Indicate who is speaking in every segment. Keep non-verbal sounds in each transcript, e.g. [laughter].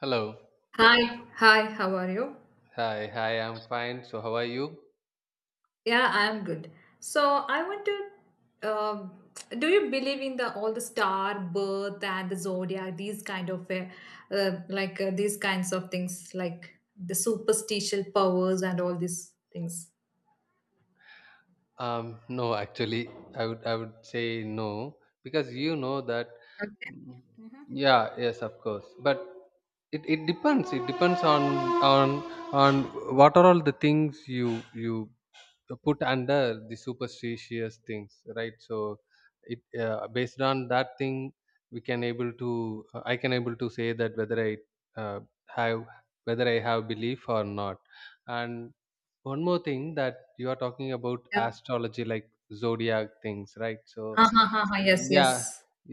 Speaker 1: Hello.
Speaker 2: Hi, hi, how are you?
Speaker 1: Hi. Hi. I'm fine. So how are you?
Speaker 2: Yeah, I'm good. So I want to, do you believe in the all the star birth and the zodiac, these kinds of things, like the superstitious powers and all these things?
Speaker 1: Um. No, actually, I would say no because you know that.
Speaker 2: Okay.
Speaker 1: Mm,
Speaker 2: Hmm.
Speaker 1: yeah. Yes. Of course. But it depends. It depends on on what are all the things you put under the superstitious things, right? So it based on that thing, we can able to I can able to say that uh, have whether I have belief or not. And one more thing, that you are talking about
Speaker 2: Yeah.
Speaker 1: astrology, like zodiac things, right? So,
Speaker 2: Ha, ha, ha, ha. Yes, yes.
Speaker 1: yeah,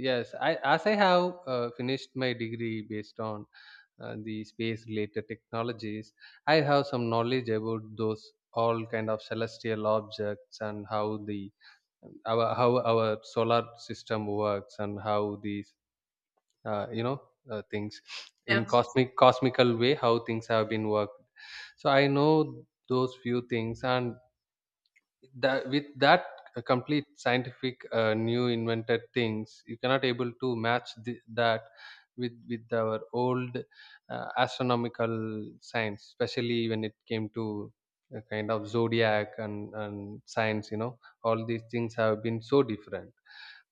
Speaker 1: yes, I as I have finished my degree based on the space related technologies. I have some knowledge about those all kind of celestial objects, and how our solar system works, and how these uh, you know things, in
Speaker 2: Yeah.
Speaker 1: cosmical way how things have been worked. So I know those few things, and that, with that complete scientific new invented things, you cannot able to match that with our old astronomical science, especially when it came to a kind of zodiac and science. All these things have been so different.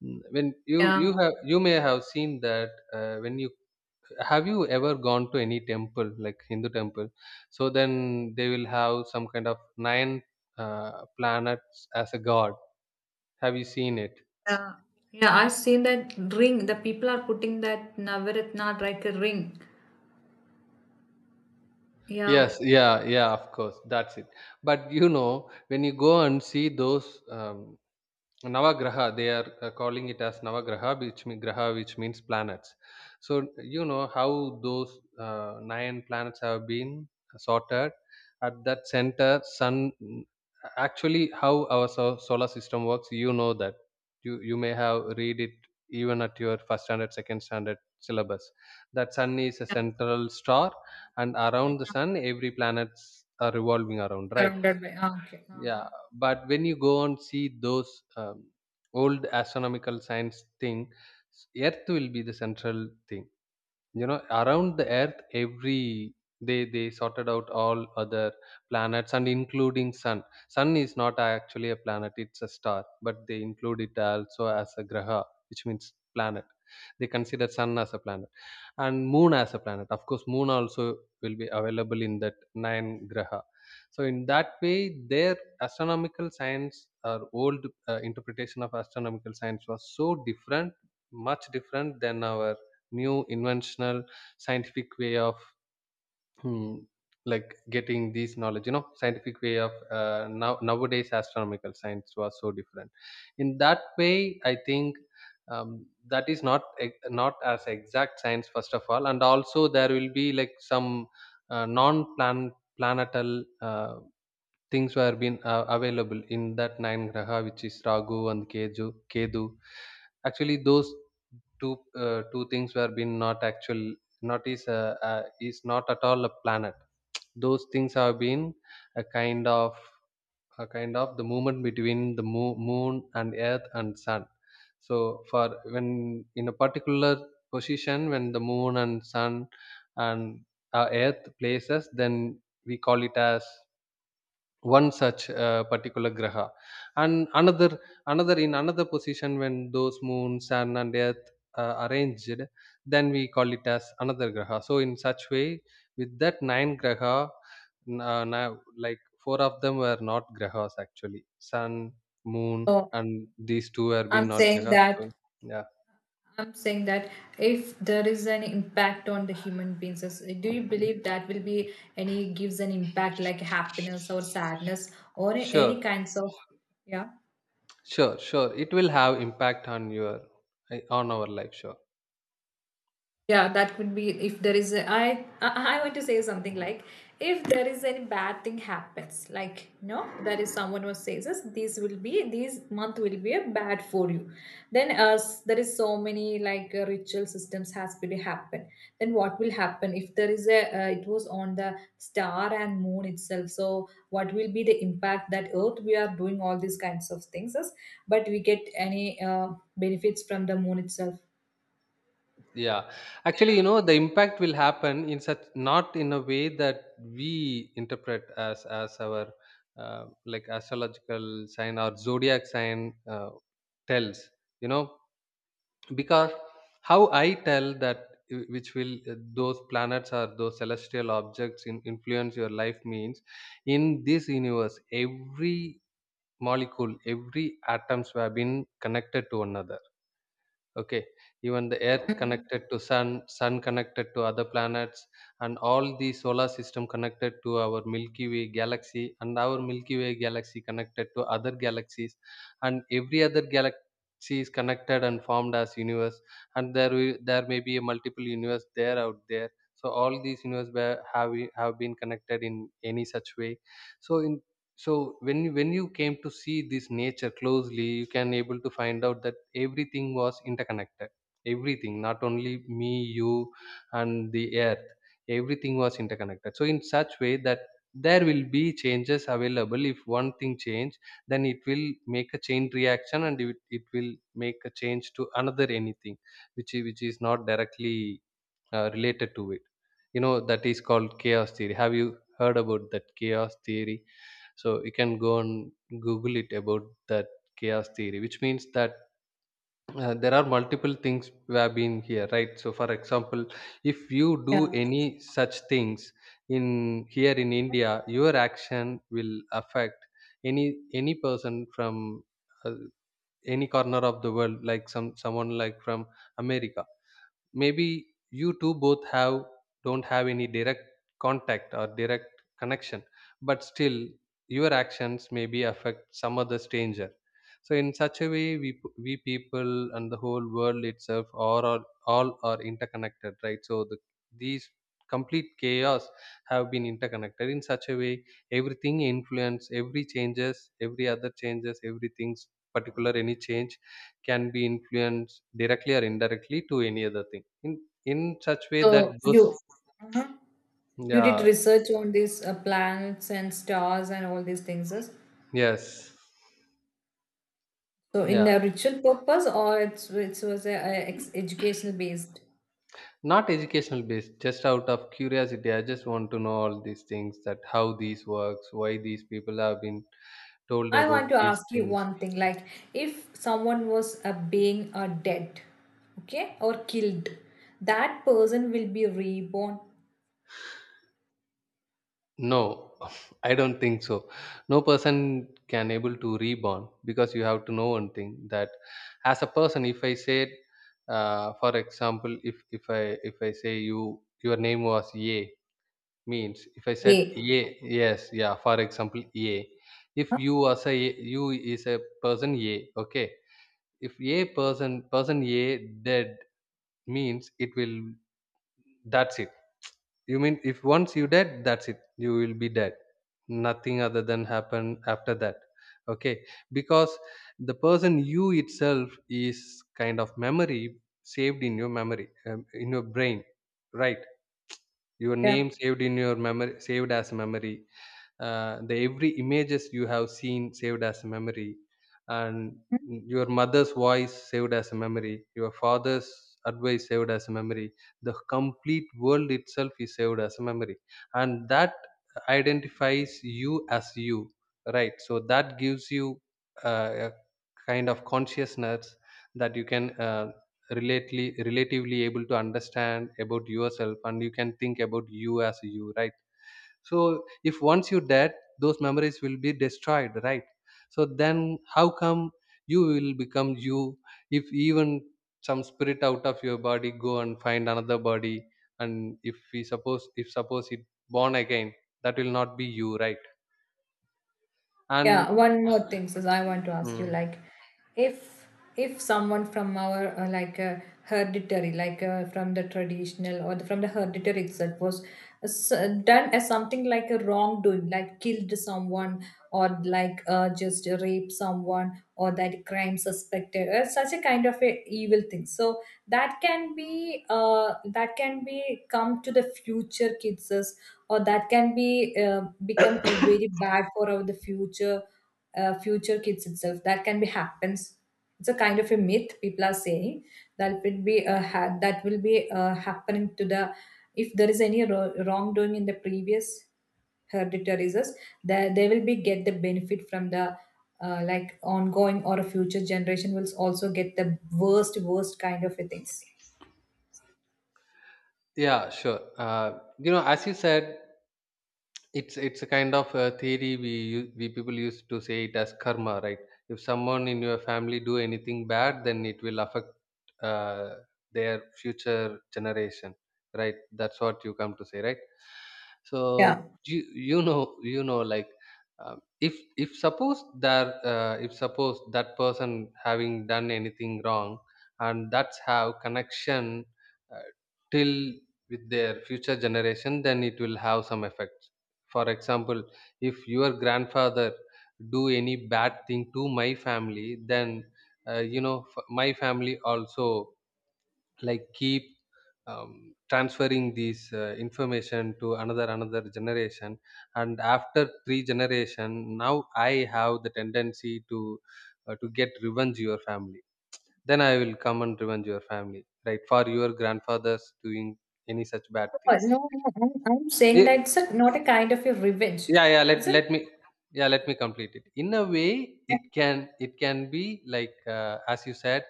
Speaker 1: When you you
Speaker 2: Yeah.
Speaker 1: have you may have seen that, when you have you ever gone to any temple, like Hindu temple? So then they will have some kind of nine planets as a god. Have you seen it?
Speaker 2: Yeah. Yeah, I've seen that ring. The people are putting that Navaratna like a ring. Yeah.
Speaker 1: Yes, yeah, yeah, of course, that's it. But when you go and see those Navagraha, they are calling it as Navagraha, which mean, graha, which means planets. So you know how those nine planets have been sorted. At that center, sun. Actually, how our solar system works, you know that. You may have read it even at your first standard, second standard syllabus. That sun is a
Speaker 2: Yeah.
Speaker 1: central star, and around the sun, every planets are revolving around, right?
Speaker 2: Surrounded by, ah, okay. Uh-huh.
Speaker 1: Yeah, but when you go and see those old astronomical science thing, earth will be the central thing. Around the earth, every they sorted out all other planets and including sun. Sun is not actually a planet, it's a star, but they include it also as a graha, which means planet. They consider sun as a planet, and moon as a planet. Of course, moon also will be available in that nine graha. So in that way, their astronomical science or old interpretation of astronomical science was so different, much different than our new inventional scientific way of hmm, like getting these knowledge. Scientific way of nowadays astronomical science was so different, in that way I think. That is not not as exact science, first of all, and also there will be like some non planetal things were been available in that nine graha, which is ragu and keju kedu. Actually, those two things were been not actual, not is is not at all a planet. Those things have been a kind of a kind of the movement between the moon and earth and sun. So for when, in a particular position, when the moon and sun and earth places, then we call it as one such particular graha. And another, in another position, when those moon, sun and earth arranged, then we call it as another graha. So in such way, with that nine graha, now like four of them were not grahas actually. Sun, moon,
Speaker 2: Oh,
Speaker 1: and these two have been
Speaker 2: I'm
Speaker 1: not
Speaker 2: saying
Speaker 1: grahas, so.
Speaker 2: that
Speaker 1: Yeah,
Speaker 2: I'm saying that if there is an impact on the human beings, do you believe that will be any gives an impact like happiness or sadness or any
Speaker 1: sure,
Speaker 2: kinds of, yeah?
Speaker 1: sure, sure, it will have impact on our life, sure.
Speaker 2: Yeah, that could be. If there is a, I want to say something like, if there is any bad thing happens, like no, there is someone who says us this month will be a bad for you, then as there is so many like ritual systems has to happen. Then what will happen if there is a it was on the star and moon itself? So what will be the impact that earth we are doing all these kinds of things is, but we get any benefits from the moon itself?
Speaker 1: Yeah, actually, the impact will happen in such, not in a way that we interpret as our like astrological sign or zodiac sign tells. You know, because how I tell that, which will those planets or those celestial objects influence your life, means in this universe, every molecule, every atoms have been connected to another, okay? Even the earth
Speaker 2: Mhm.
Speaker 1: connected to sun. Sun connected to other planets, and all the solar system connected to our Milky Way galaxy, and our Milky Way galaxy connected to other galaxies, and every other galaxy is connected and formed as universe. And there may be a multiple universe there out there. So all these universe have been connected in any such way. So in so when you came to see this nature closely, you can able to find out that everything was interconnected. Everything, not only me, you, and the earth, everything was interconnected, so in such way that there will be changes available. If one thing change, then it will make a chain reaction, and it will make a change to another anything, which is not directly related to it. You know that is called chaos theory. Have you heard about that chaos theory? So you can go and google it about that chaos theory, which means that there are multiple things we have been here, right? So for example, if you do
Speaker 2: Yeah.
Speaker 1: any such things in here in India, your action will affect any any person from uh, any corner of the world, like someone like from America. Maybe you two both have don't have any direct contact or direct connection, but still your actions maybe affect some other stranger. So in such a way, we people and the whole world itself are all are interconnected, right? So these complete chaos have been interconnected in such a way, everything influence every changes, every other changes, everything's particular, any change can be influenced directly or indirectly to any other thing in such way that
Speaker 2: So
Speaker 1: those...
Speaker 2: you uh you did
Speaker 1: Yeah,
Speaker 2: research on these planets and stars and all these things, yes?
Speaker 1: yes,
Speaker 2: So in
Speaker 1: yeah,
Speaker 2: a ritual purpose, or it was a, educational based.
Speaker 1: not educational based, just out of curiosity, I just want to know all these things, that how these works, why these people have been told
Speaker 2: I
Speaker 1: about
Speaker 2: want to
Speaker 1: these
Speaker 2: ask you
Speaker 1: things.
Speaker 2: one thing, like, if someone was being dead, okay, or killed, that person will be reborn.
Speaker 1: No. [laughs] I don't think so. No person can able to reborn, because you have to know one thing, that as a person, if I said, for example, if I say you, your name was A, means if I said
Speaker 2: Yeah.
Speaker 1: A. Yes, yeah, for example, A. If
Speaker 2: Huh?
Speaker 1: you, as a, you is a person A, okay, if a person A dead, means it will, that's it. You mean if once you dead, that's it, you will be dead. Nothing other than happen after that, okay? Because the person you itself is kind of memory saved in your memory, in your brain, right? Your
Speaker 2: Yeah.
Speaker 1: name saved in your memory, saved as memory. The every images you have seen saved as a memory, and your mother's voice saved as a memory, your father's advice saved as a memory. The complete world itself is saved as a memory, and that identifies you as you, right? So that gives you a kind of consciousness, that you can relately relatively able to understand about yourself, and you can think about you as you, right? So if once you're dead, those memories will be destroyed, right? So then how come you will become you? If even some spirit out of your body go and find another body, and if we suppose, if suppose it born again, that will not be you, right? And
Speaker 2: Yeah, one more thing, Sis, I want to ask you,
Speaker 1: mm,
Speaker 2: like, if if someone from our like hereditary, like from the traditional, or the, from the hereditary itself, was done as something like a wrongdoing, like killed someone, or like just raped someone or that crime suspected, or such a kind of a evil thing. So that can be come to the future kids, or that can be uh, become a very bad for our the future, future kids itself, that can be happens. It's a kind of a myth people are saying that will be, happening to the, if there is any wrongdoing in the previous hereditatizes, that they will be get the benefit from the, like ongoing or a future generation will also get the worst kind of a things.
Speaker 1: yeah, sure, as you said, it's a kind of a theory we people used to say it as karma, right? If someone in your family do anything bad, then it will affect uh, their future generation, right? That's what you come to say, right?
Speaker 2: Yeah.
Speaker 1: So you you know you know like if suppose that person having done anything wrong, and that's how connection uh, till with their future generation, then it will have some effect. For example, if your grandfather do any bad thing to my family, then my family also like keep transferring this information to another generation, and after three generation now I have the tendency to get revenge your family. Then I will come and revenge your family, right, for your grandfathers doing any such bad
Speaker 2: Oh,
Speaker 1: thing.
Speaker 2: no, no, no, I'm saying
Speaker 1: Eh,
Speaker 2: that it's a, not a kind of a revenge,
Speaker 1: yeah, yeah,
Speaker 2: it's
Speaker 1: let
Speaker 2: a.
Speaker 1: let me yeah, let me complete it. In a way, it can, it can be like, as you said,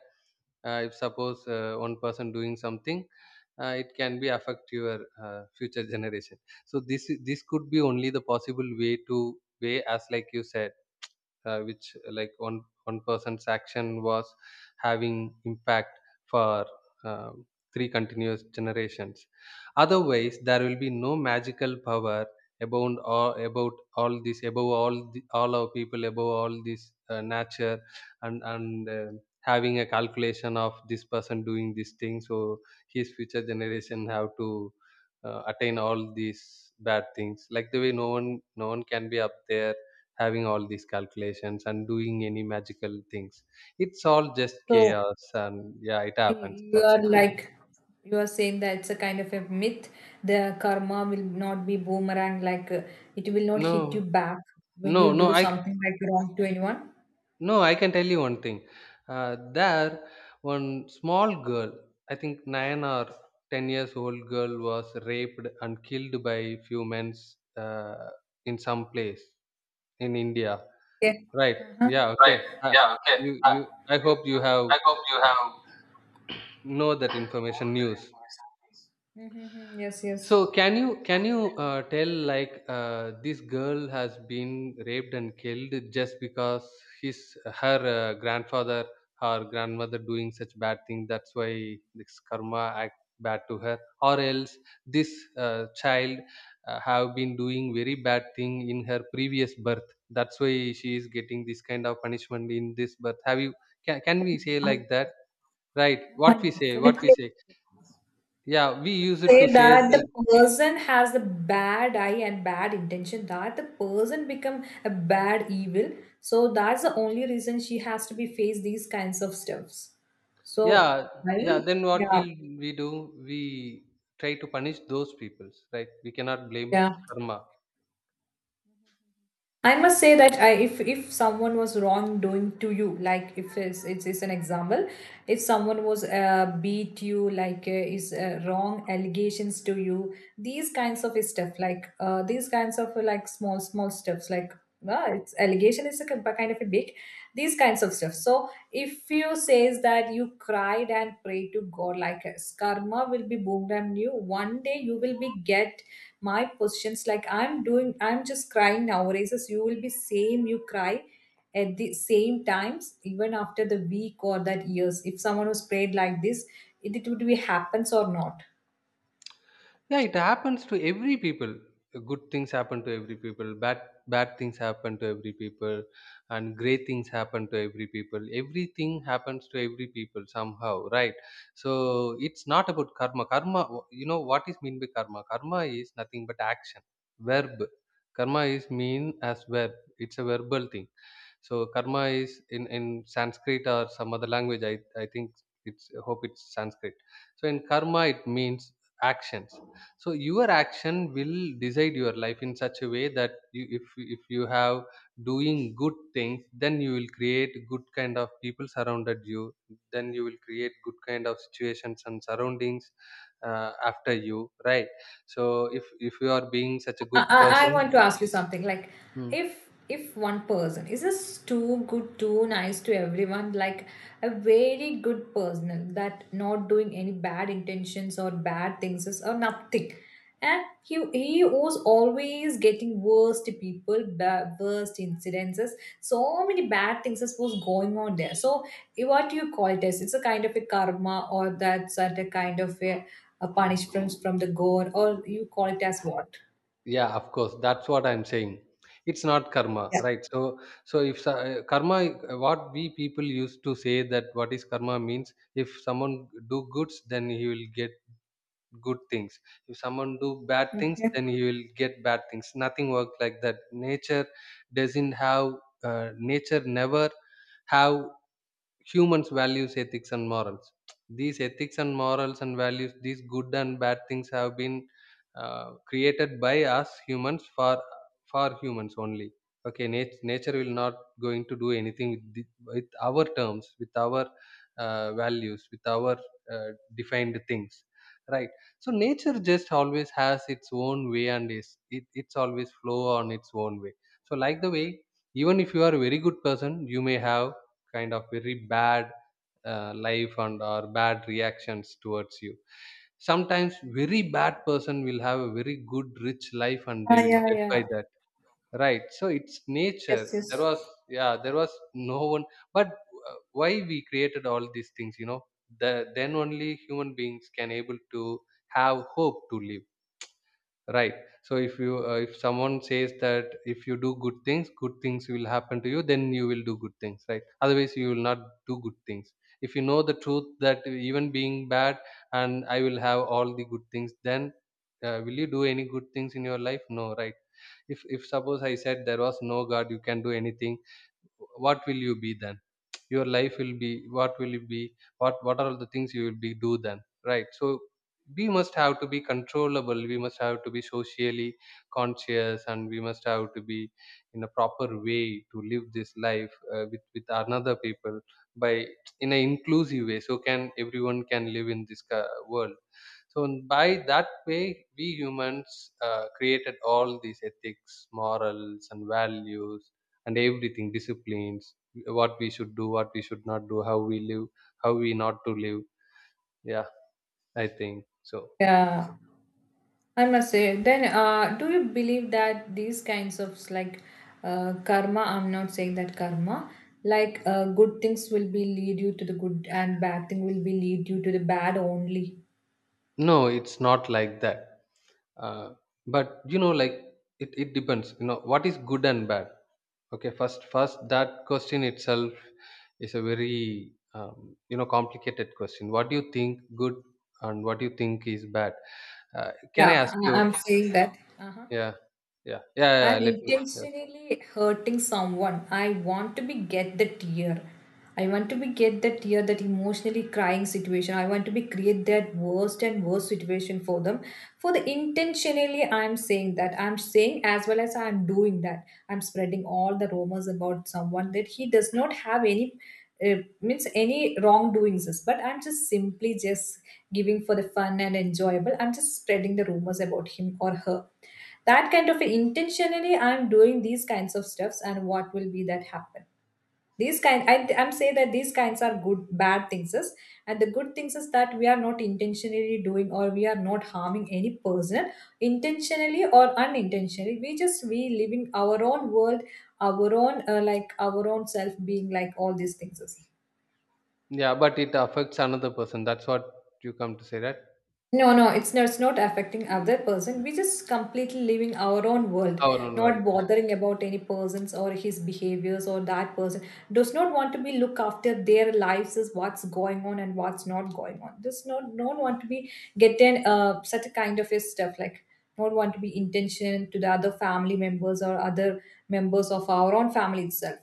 Speaker 1: if suppose one person doing something, it can be affect your future generation. So this could be only the possible way to way, as like you said, which like one person's action was having impact for um, three continuous generations. Otherwise there will be no magical power about all this, above all all our people, above all this nature. And having a calculation of this person doing this thing, so his future generation have to attain all these bad things. Like the way, no one, no one can be up there having all these calculations and doing any magical things. It's all just
Speaker 2: So
Speaker 1: chaos, and yeah, it happens,
Speaker 2: you
Speaker 1: that's
Speaker 2: are
Speaker 1: it.
Speaker 2: like, you are saying that it's a kind of a myth, the karma will not be boomerang like, it will not hit you
Speaker 1: no
Speaker 2: back when you
Speaker 1: no no
Speaker 2: do
Speaker 1: I
Speaker 2: something like wrong to anyone.
Speaker 1: no I can tell you one thing. uh, there one small girl, I think 9 or 10 years old girl, was raped and killed by few men uh, in some place in india.
Speaker 2: Yeah.
Speaker 1: Right?
Speaker 2: Uh-huh.
Speaker 1: Yeah, okay. uh, you, I hope you have know that information news.
Speaker 2: Mm-hmm. Mm-hmm. Yes,
Speaker 1: So
Speaker 2: yes.
Speaker 1: can you tell like this girl has been raped and killed just because his her grandfather, her grandmother doing such bad thing, that's why this karma act bad to her? Or else this child have been doing very bad thing in her previous birth, that's why she is getting this kind of punishment in this birth? Have you, can we say like that? Right,
Speaker 2: No, I
Speaker 1: what we say what we
Speaker 2: definitely
Speaker 1: say Yeah, we use it to
Speaker 2: say
Speaker 1: say
Speaker 2: that
Speaker 1: that.
Speaker 2: the person has the bad eye and bad intention, that the person become a bad evil. So that's the only reason she has to be faced these kinds of stuffs. So
Speaker 1: Yeah,
Speaker 2: I
Speaker 1: yeah, then what
Speaker 2: yeah,
Speaker 1: will we do? We try to punish those peoples, right? We cannot blame
Speaker 2: yeah.
Speaker 1: karma.
Speaker 2: I must say that if someone was wrongdoing to you, like if it's an example, if someone was beat you, like is wrong allegations to you, these kinds of stuff, like these kinds of like small stuffs, like, well, it's allegation is a kind of a big, these kinds of stuff. So if you says that you cried and prayed to god like us, karma will be boomed on you one day, you will be get my positions, like I'm just crying nowadays. As you will be same, you cry at the same times, even after the week or that years, if someone was prayed like this, it would be happens or not?
Speaker 1: Yeah, it happens to every people. Good things happen to every people, bad things happen to every people, and great things happen to every people. Everything happens to every people somehow, right? So it's not about karma. Karma, you know what is mean by karma? Karma is nothing but action. Verb. Karma is mean as verb. It's a verbal thing. So karma is in Sanskrit or some other language. I think it's, I hope it's Sanskrit. So in karma it means actions. So your action will decide your life in such a way that if you have doing good things, then you will create good kind of people surrounded you. Then you will create good kind of situations and surroundings after you, right? So if you are being such a
Speaker 2: I,
Speaker 1: good
Speaker 2: I I
Speaker 1: person.
Speaker 2: want to ask you something, like, if one person is just too good, too nice to everyone, like a very good person that not doing any bad intentions or bad things or nothing, and he was always getting worst people, worst incidences. So many bad things was going on there. So, what do you call it as? It's a kind of a karma, or that's a kind of a, punishment from the god, or you call it as what?
Speaker 1: Yeah, of course, that's what I'm saying, it's not karma, right? So so if so- uh, karma, what we people used to say, that what is karma means, if someone do goods then he will get good things, if someone do bad things
Speaker 2: Okay.
Speaker 1: then he will get bad things. Nothing works like that. Nature doesn't have nature never have humans values, ethics and morals. These ethics and morals and values, these good and bad things have been created by us humans for humans only. Okay, nature will not going to do anything with, with our terms, with our values, with our uh, defined things, right? So nature just always has its own way, and it's always flow on its own way. So like the way, even if you are a very good person, you may have kind of very bad life and or bad reactions towards you sometimes. Very bad person will have a very good rich life and they
Speaker 2: Ah,
Speaker 1: will
Speaker 2: yeah,
Speaker 1: dead by
Speaker 2: yeah.
Speaker 1: that, right? So it's nature.
Speaker 2: Yes,
Speaker 1: There was,
Speaker 2: yes.
Speaker 1: yeah, there was no one. But why we created all these things? You know, then only human beings can able to have hope to live. Right. So if you, if someone says that if you do good things will happen to you, then you will do good things, right? Otherwise, you will not do good things. If you know the truth that even being bad and I will have all the good things, then will you do any good things in your life? No, right? If suppose I said there was no God, you can do anything, what will you be then? Your life will be, what will it be? What are all the things you will be do then, right? So we must have to be controllable, we must have to be socially conscious, and we must have to be in a proper way to live this life, with another people, by in an inclusive way, so can everyone can live in this world. So by that way, we humans created all these ethics, morals, and values, and everything, disciplines, what we should do, what we should not do, how we live, how we not to live. Yeah, I think so.
Speaker 2: Yeah. I must say, then do you believe that these kinds of like karma, I'm not saying that karma, like good things will be lead you to the good, and bad thing will be lead you to the bad only.
Speaker 1: No, it's not like that. Uh, but you know, like, it depends. You know, what is good and bad? Okay, first that question itself is a very you know complicated question. What do you think good and what do you think is bad? Can I
Speaker 2: Yeah,
Speaker 1: ask you?
Speaker 2: I'm saying that. Uh-huh.
Speaker 1: Yeah,
Speaker 2: I'm
Speaker 1: yeah, Let me. Yes.
Speaker 2: intentionally hurting someone. I want to be get the tear. I want to be get the tear, that emotionally crying situation. I want to be create that worst and worst situation for them. For the intentionally, I'm saying that. I'm saying as well as I'm doing that. I'm spreading all the rumors about someone that he does not have any means any wrongdoings. But I'm just simply just giving for the fun and enjoyable. I'm just spreading the rumors about him or her, that kind of intentionally I'm doing these kinds of stuffs. And what will be that happen, these kind, I'm saying that these kinds are good bad things is. And the good things is that we are not intentionally doing, or we are not harming any person intentionally or unintentionally. We live in our own world, our own like our own self being, like all these things is.
Speaker 1: Yeah, but it affects another person. That's what you come to say, right?
Speaker 2: No, no, it's not affecting other person. We're just completely living our own world,
Speaker 1: Our own world,
Speaker 2: not
Speaker 1: yeah.
Speaker 2: bothering about any persons or his behaviors or that person. Does not want to be look after their lives, is what's going on and what's not going on. Does not want to be getting such a kind of a stuff, like not want to be intention to the other family members or other members of our own family itself.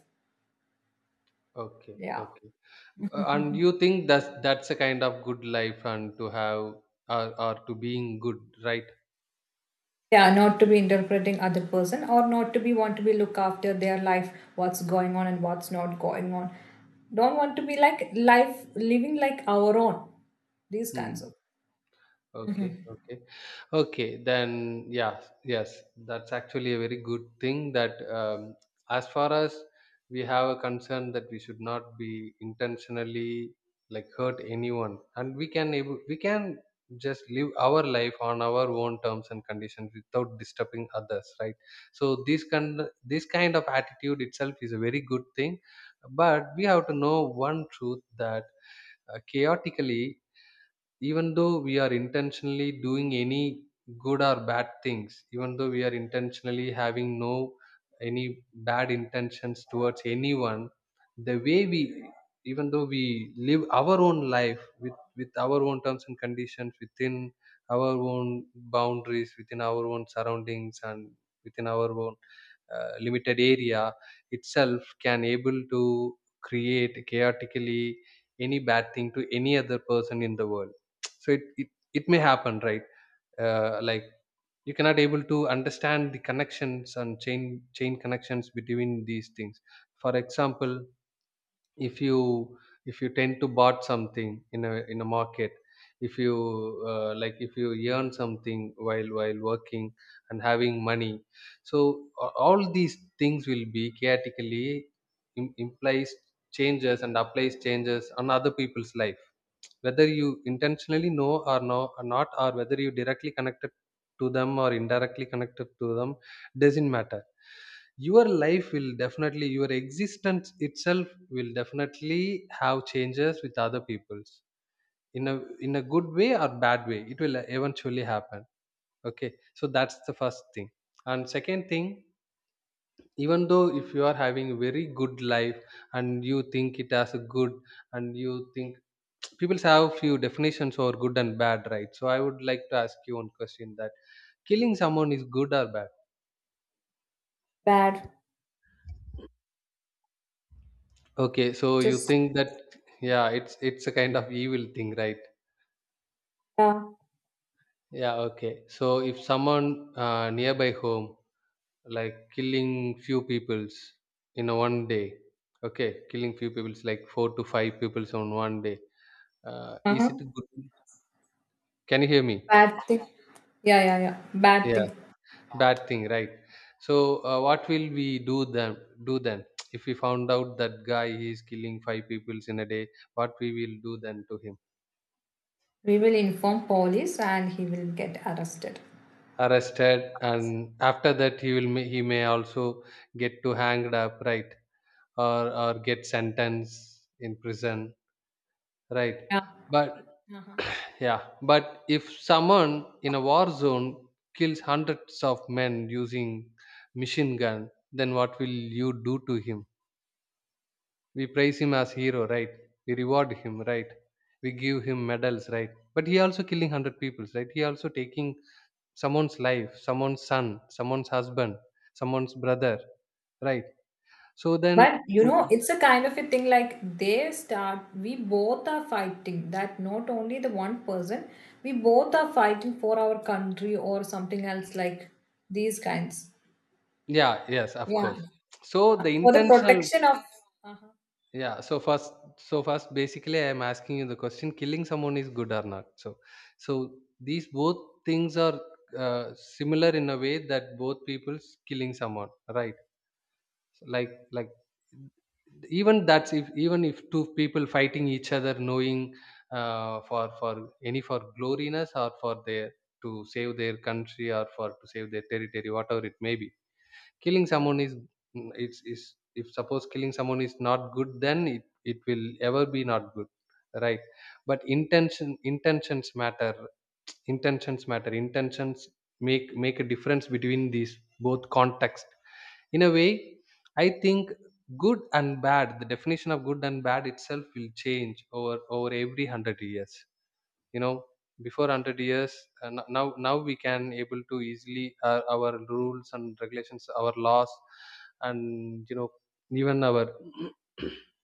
Speaker 1: Okay, okay.
Speaker 2: Yeah.
Speaker 1: And
Speaker 2: [laughs]
Speaker 1: you think that's a kind of good life and to have, or to being good, right?
Speaker 2: Yeah, not to be interpreting other person, or not to be want to be look after their life, what's going on and what's not going on. Don't want to be like life living like our own. These kinds of.
Speaker 1: Hmm. Okay,
Speaker 2: Mhm.
Speaker 1: okay, okay. Then yeah, yes, that's actually a very good thing. That as far as we have a concern that we should not be intentionally like hurt anyone, and we can just live our life on our own terms and conditions without disturbing others, right? So this kind of attitude itself is a very good thing. But we have to know one truth, that chaotically, even though we are intentionally doing any good or bad things, even though we are intentionally having no any bad intentions towards anyone, the way we even though we live our own life with our own terms and conditions, within our own boundaries, within our own surroundings, and within our own limited area, itself can able to create chaotically any bad thing to any other person in the world. [tsk] So it may happen, right? Like, you cannot able to understand the connections and chain connections between these things. For example, if you, if you tend to bought something in a market, if you like if you earn something while working and having money, so all these things will be chaotically implies changes and applies changes on other people's life, whether you intentionally know or not, or whether you directly connected to them or indirectly connected to them, doesn't matter. Your life will definitely, your existence itself will definitely have changes with other people's, in a good way or bad way. It will eventually happen. Okay, so that's the first thing. And second thing, even though if you are having a very good life and you think it as a good, and you think, [tsk] people have few definitions for good and bad, right? So I would like to ask you one question, that killing someone is good or bad?
Speaker 2: Bad.
Speaker 1: Okay, so you
Speaker 2: Just,
Speaker 1: think that, yeah, it's a kind of evil thing, right?
Speaker 2: yeah,
Speaker 1: Yeah, okay. So if someone nearby home, like killing few peoples in a one day, okay, killing few peoples like four to five peoples on one day, is
Speaker 2: uh-huh.
Speaker 1: it good? Can you hear me?
Speaker 2: Bad thing. Yeah, yeah, yeah, bad
Speaker 1: Yeah,
Speaker 2: thing.
Speaker 1: bad thing, right? So what will we do then? Do then? [tsk] If we found out that guy he is killing five peoples in a day, what we will do then to him?
Speaker 2: We will inform police and he will get arrested.
Speaker 1: Arrested, and after that he will he may also get to hanged up, right? Or get sentenced in prison, right?
Speaker 2: Yeah.
Speaker 1: But
Speaker 2: Uh-huh.
Speaker 1: yeah, but if someone in a war zone kills hundreds of men using machine gun, then what will you do to him? We praise him as hero, right? We reward him, right? We give him medals, right? But he also killing 100 people, right? He also taking someone's life, someone's son, someone's husband, someone's brother, right? So then,
Speaker 2: But you
Speaker 1: mm,
Speaker 2: know, it's a kind of a thing, like we both are fighting, that not only the one person, we both are fighting for our country or something else like these kinds.
Speaker 1: yeah, yes, of
Speaker 2: Yeah.
Speaker 1: course. So the
Speaker 2: For the
Speaker 1: intentional,
Speaker 2: protection of. Uh-huh.
Speaker 1: yeah. So first basically I am asking you the question, killing someone is good or not. So, so these both things are similar in a way, that both people's killing someone, right? like like Even that's, if even if two people fighting each other knowing, for any, for gloriness, or for their to save their country, or for to save their territory, whatever it may be, killing someone is, it's is, if suppose killing someone is not good, then it will ever be not good, right? But intention, intentions matter. Intentions make a difference between these both context in a way, I think. Good and bad, the definition of good and bad itself will change over every 100 years, you know. Before 100 years, now now we can able to easily our rules and regulations, our laws, and you know, even our [clears throat]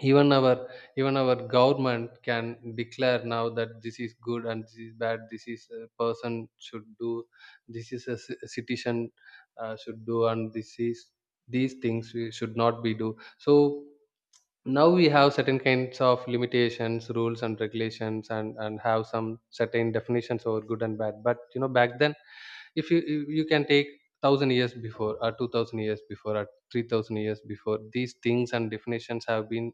Speaker 1: even our, even our government can declare now that this is good and this is bad. This is a person should do. This is a citizen should do, and this is these things we should not be do. So now we have certain kinds of limitations, rules and regulations, and have some certain definitions over good and bad. But you know, back then, if you can take 1,000 years before, or 2,000 years before, or 3,000 years before, these things and definitions have been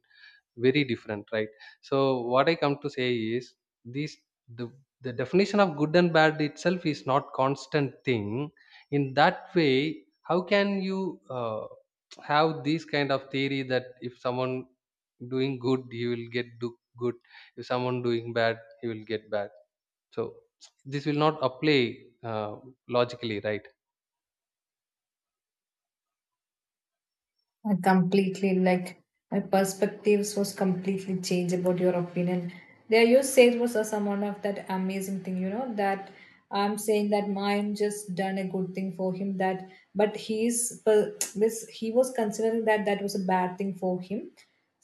Speaker 1: very different, right? So what I come to say is this. The, the definition of good and bad itself is not constant thing. In that way, how can you have this kind of theory that if someone doing good he will get do good, if someone doing bad he will get bad? So this will not apply uh, logically, right?
Speaker 2: I completely like, my perspectives was completely changed about your opinion. There, you said was also one of that amazing thing, you know, that I'm saying that, mine just done a good thing for him, that but he's per- this he was considering that that was a bad thing for him.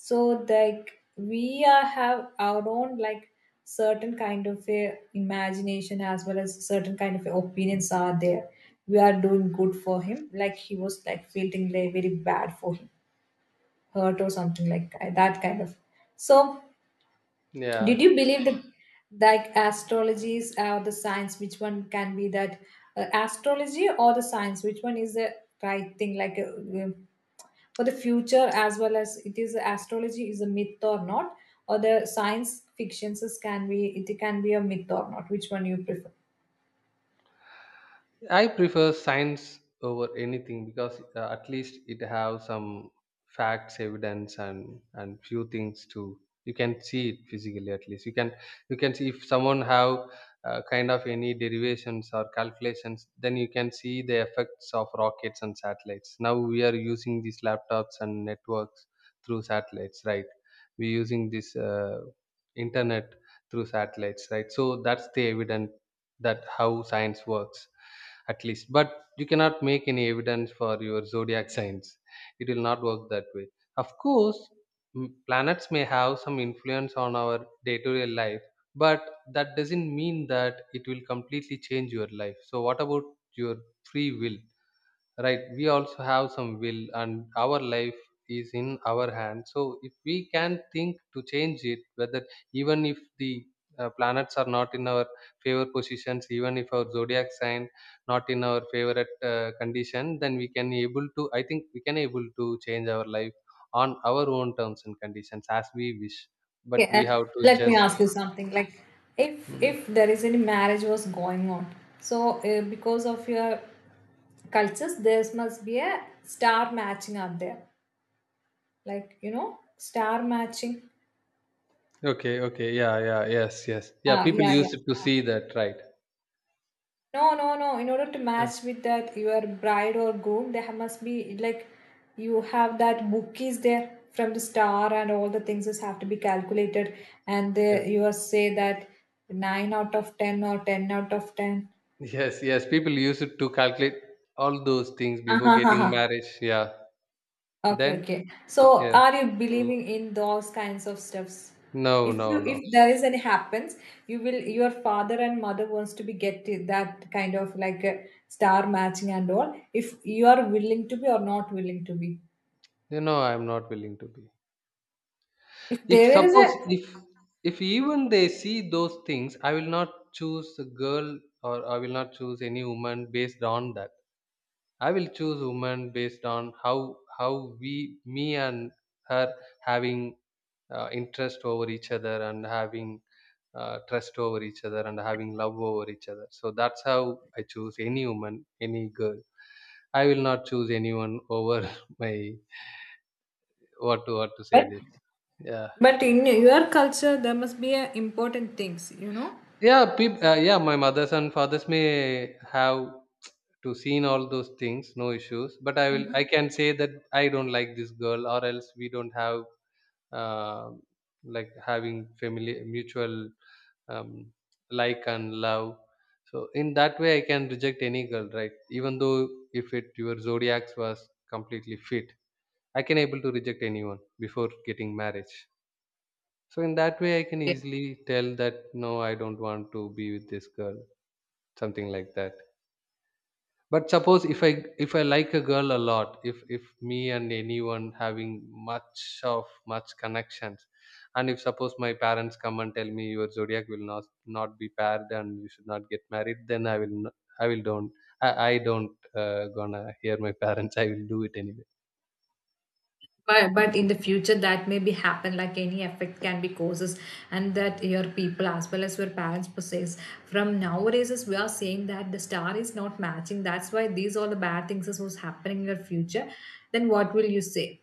Speaker 2: So like, we are have our own, like certain kind of a imagination, as well as certain kind of opinions are there. We are doing good for him, like he was like feeling like very bad for him, hurt or something like that, that kind of so. Did you
Speaker 1: Yeah,
Speaker 2: believe that, like astrology is the science which one can be that astrology, or the science which one is the right thing, like for the future? As well as it is, astrology is a myth or not, or the science fictions can be it can be a myth or not? Which one you prefer?
Speaker 1: I prefer science over anything because at least it have some facts, evidence, and few things to you can see it physically. At least you can, you can see if someone have kind of any derivations or calculations, then you can see the effects of rockets and satellites. Now we are using these laptops and networks through satellites, right? We're using this internet through satellites, right? So that's the evidence that how science works at least. But you cannot make any evidence for your zodiac signs. It will not work that way. Of course planets may have some influence on our day-to-day life, but that doesn't mean that it will completely change your life. So what about your free will, right? We also have some will and our life is in our hands, so if we can think to change it, whether even if the planets are not in our favor positions, even if our zodiac sign not in our favorite condition, then we can able to, I think, we can able to change our life on our own terms and conditions as we wish. But we
Speaker 2: Yeah.
Speaker 1: have to
Speaker 2: Let me
Speaker 1: just.
Speaker 2: ask you something, like, if
Speaker 1: Mm.
Speaker 2: if there is any marriage was going on, so because of your cultures, there must be a star matching out there, like, you know, star matching.
Speaker 1: Okay, okay, yeah, yeah, yes, yes, yeah,
Speaker 2: Ah,
Speaker 1: people
Speaker 2: yeah,
Speaker 1: use
Speaker 2: yeah.
Speaker 1: it to see that, right?
Speaker 2: No, no, no. In order to
Speaker 1: Uh,
Speaker 2: match with that your bride or groom, there must be like, you have that bookies there from the star, and all the things just have to be calculated. And
Speaker 1: yes.
Speaker 2: you are say that nine out of ten or ten out of ten.
Speaker 1: Yes, yes. People use it to calculate all those things before getting
Speaker 2: [laughs]
Speaker 1: marriage. Yeah. Then,
Speaker 2: Okay, okay. So
Speaker 1: yes.
Speaker 2: are you
Speaker 1: Mm.
Speaker 2: believing in those kinds of stuffs?
Speaker 1: No,
Speaker 2: If
Speaker 1: no,
Speaker 2: you
Speaker 1: no.
Speaker 2: if there is any happens, your father and mother wants to be get that kind of like a star matching and all. If you are willing to be or not willing to be.
Speaker 1: You know, I'm not willing to be.
Speaker 2: If
Speaker 1: If
Speaker 2: there is
Speaker 1: suppose
Speaker 2: a,
Speaker 1: if even they see those things, I will not choose a girl, or I will not choose any woman based on that. I will choose woman based on how we me and her having interest over each other, and having trust over each other, and having love over each other. So that's how I choose any woman, any girl. I will not choose anyone over [laughs] my what to say
Speaker 2: but
Speaker 1: this. Yeah,
Speaker 2: in your culture there must be a important things, you know.
Speaker 1: yeah, yeah. My mothers and fathers may have to seen all those things, no issues. But I will, I can say that I don't like this girl, or else we don't have uh, like having family mutual um, like and love. So in that way, I can reject any girl, right? Even though if it your zodiacs was completely fit, I can able to reject anyone before getting marriage. So in that way, I can easily tell that no, I don't want to be with this girl, something like that. But suppose if I like a girl a lot, if me and anyone having much of much connections, and if suppose my parents come and tell me your zodiac will not be paired and you should not get married, then I will not, I will don't, I don't gonna hear my parents, I will do it anyway.
Speaker 2: But, in the future, that may be happen, like any effect can be causes, and that your people, as well as your parents possess from nowadays, is we are saying that the star is not matching, that's why these all the bad things is what's happening in your future. Then what will you say?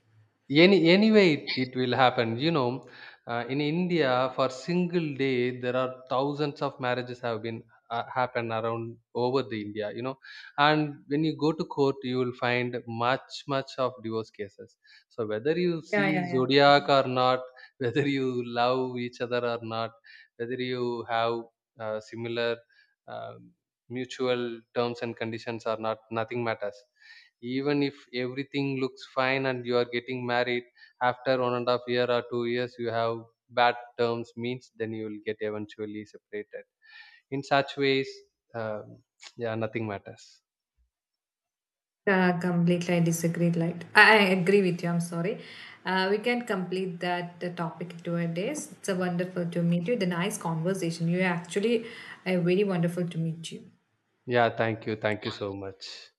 Speaker 1: Anyway, it will happen. You know, in India, for single day, there are thousands of marriages have been happen around over the India. You know, and when you go to court, you will find much of divorce cases. So whether you
Speaker 2: Yeah,
Speaker 1: see
Speaker 2: yeah.
Speaker 1: zodiac or not, [laughs] whether you love each other or not, whether you have similar um mutual terms and conditions or not, nothing matters. Even if everything looks fine and you are getting married, after 1.5 year or 2 years you have bad terms means then you will get eventually separated in such ways. um, yeah, nothing matters.
Speaker 2: Yeah, completely I disagree, like I agree with you, I'm sorry. We can complete that topic to our days. It's a wonderful to meet you, the nice conversation. You are actually, very wonderful to meet you.
Speaker 1: Yeah, thank you, thank you so much.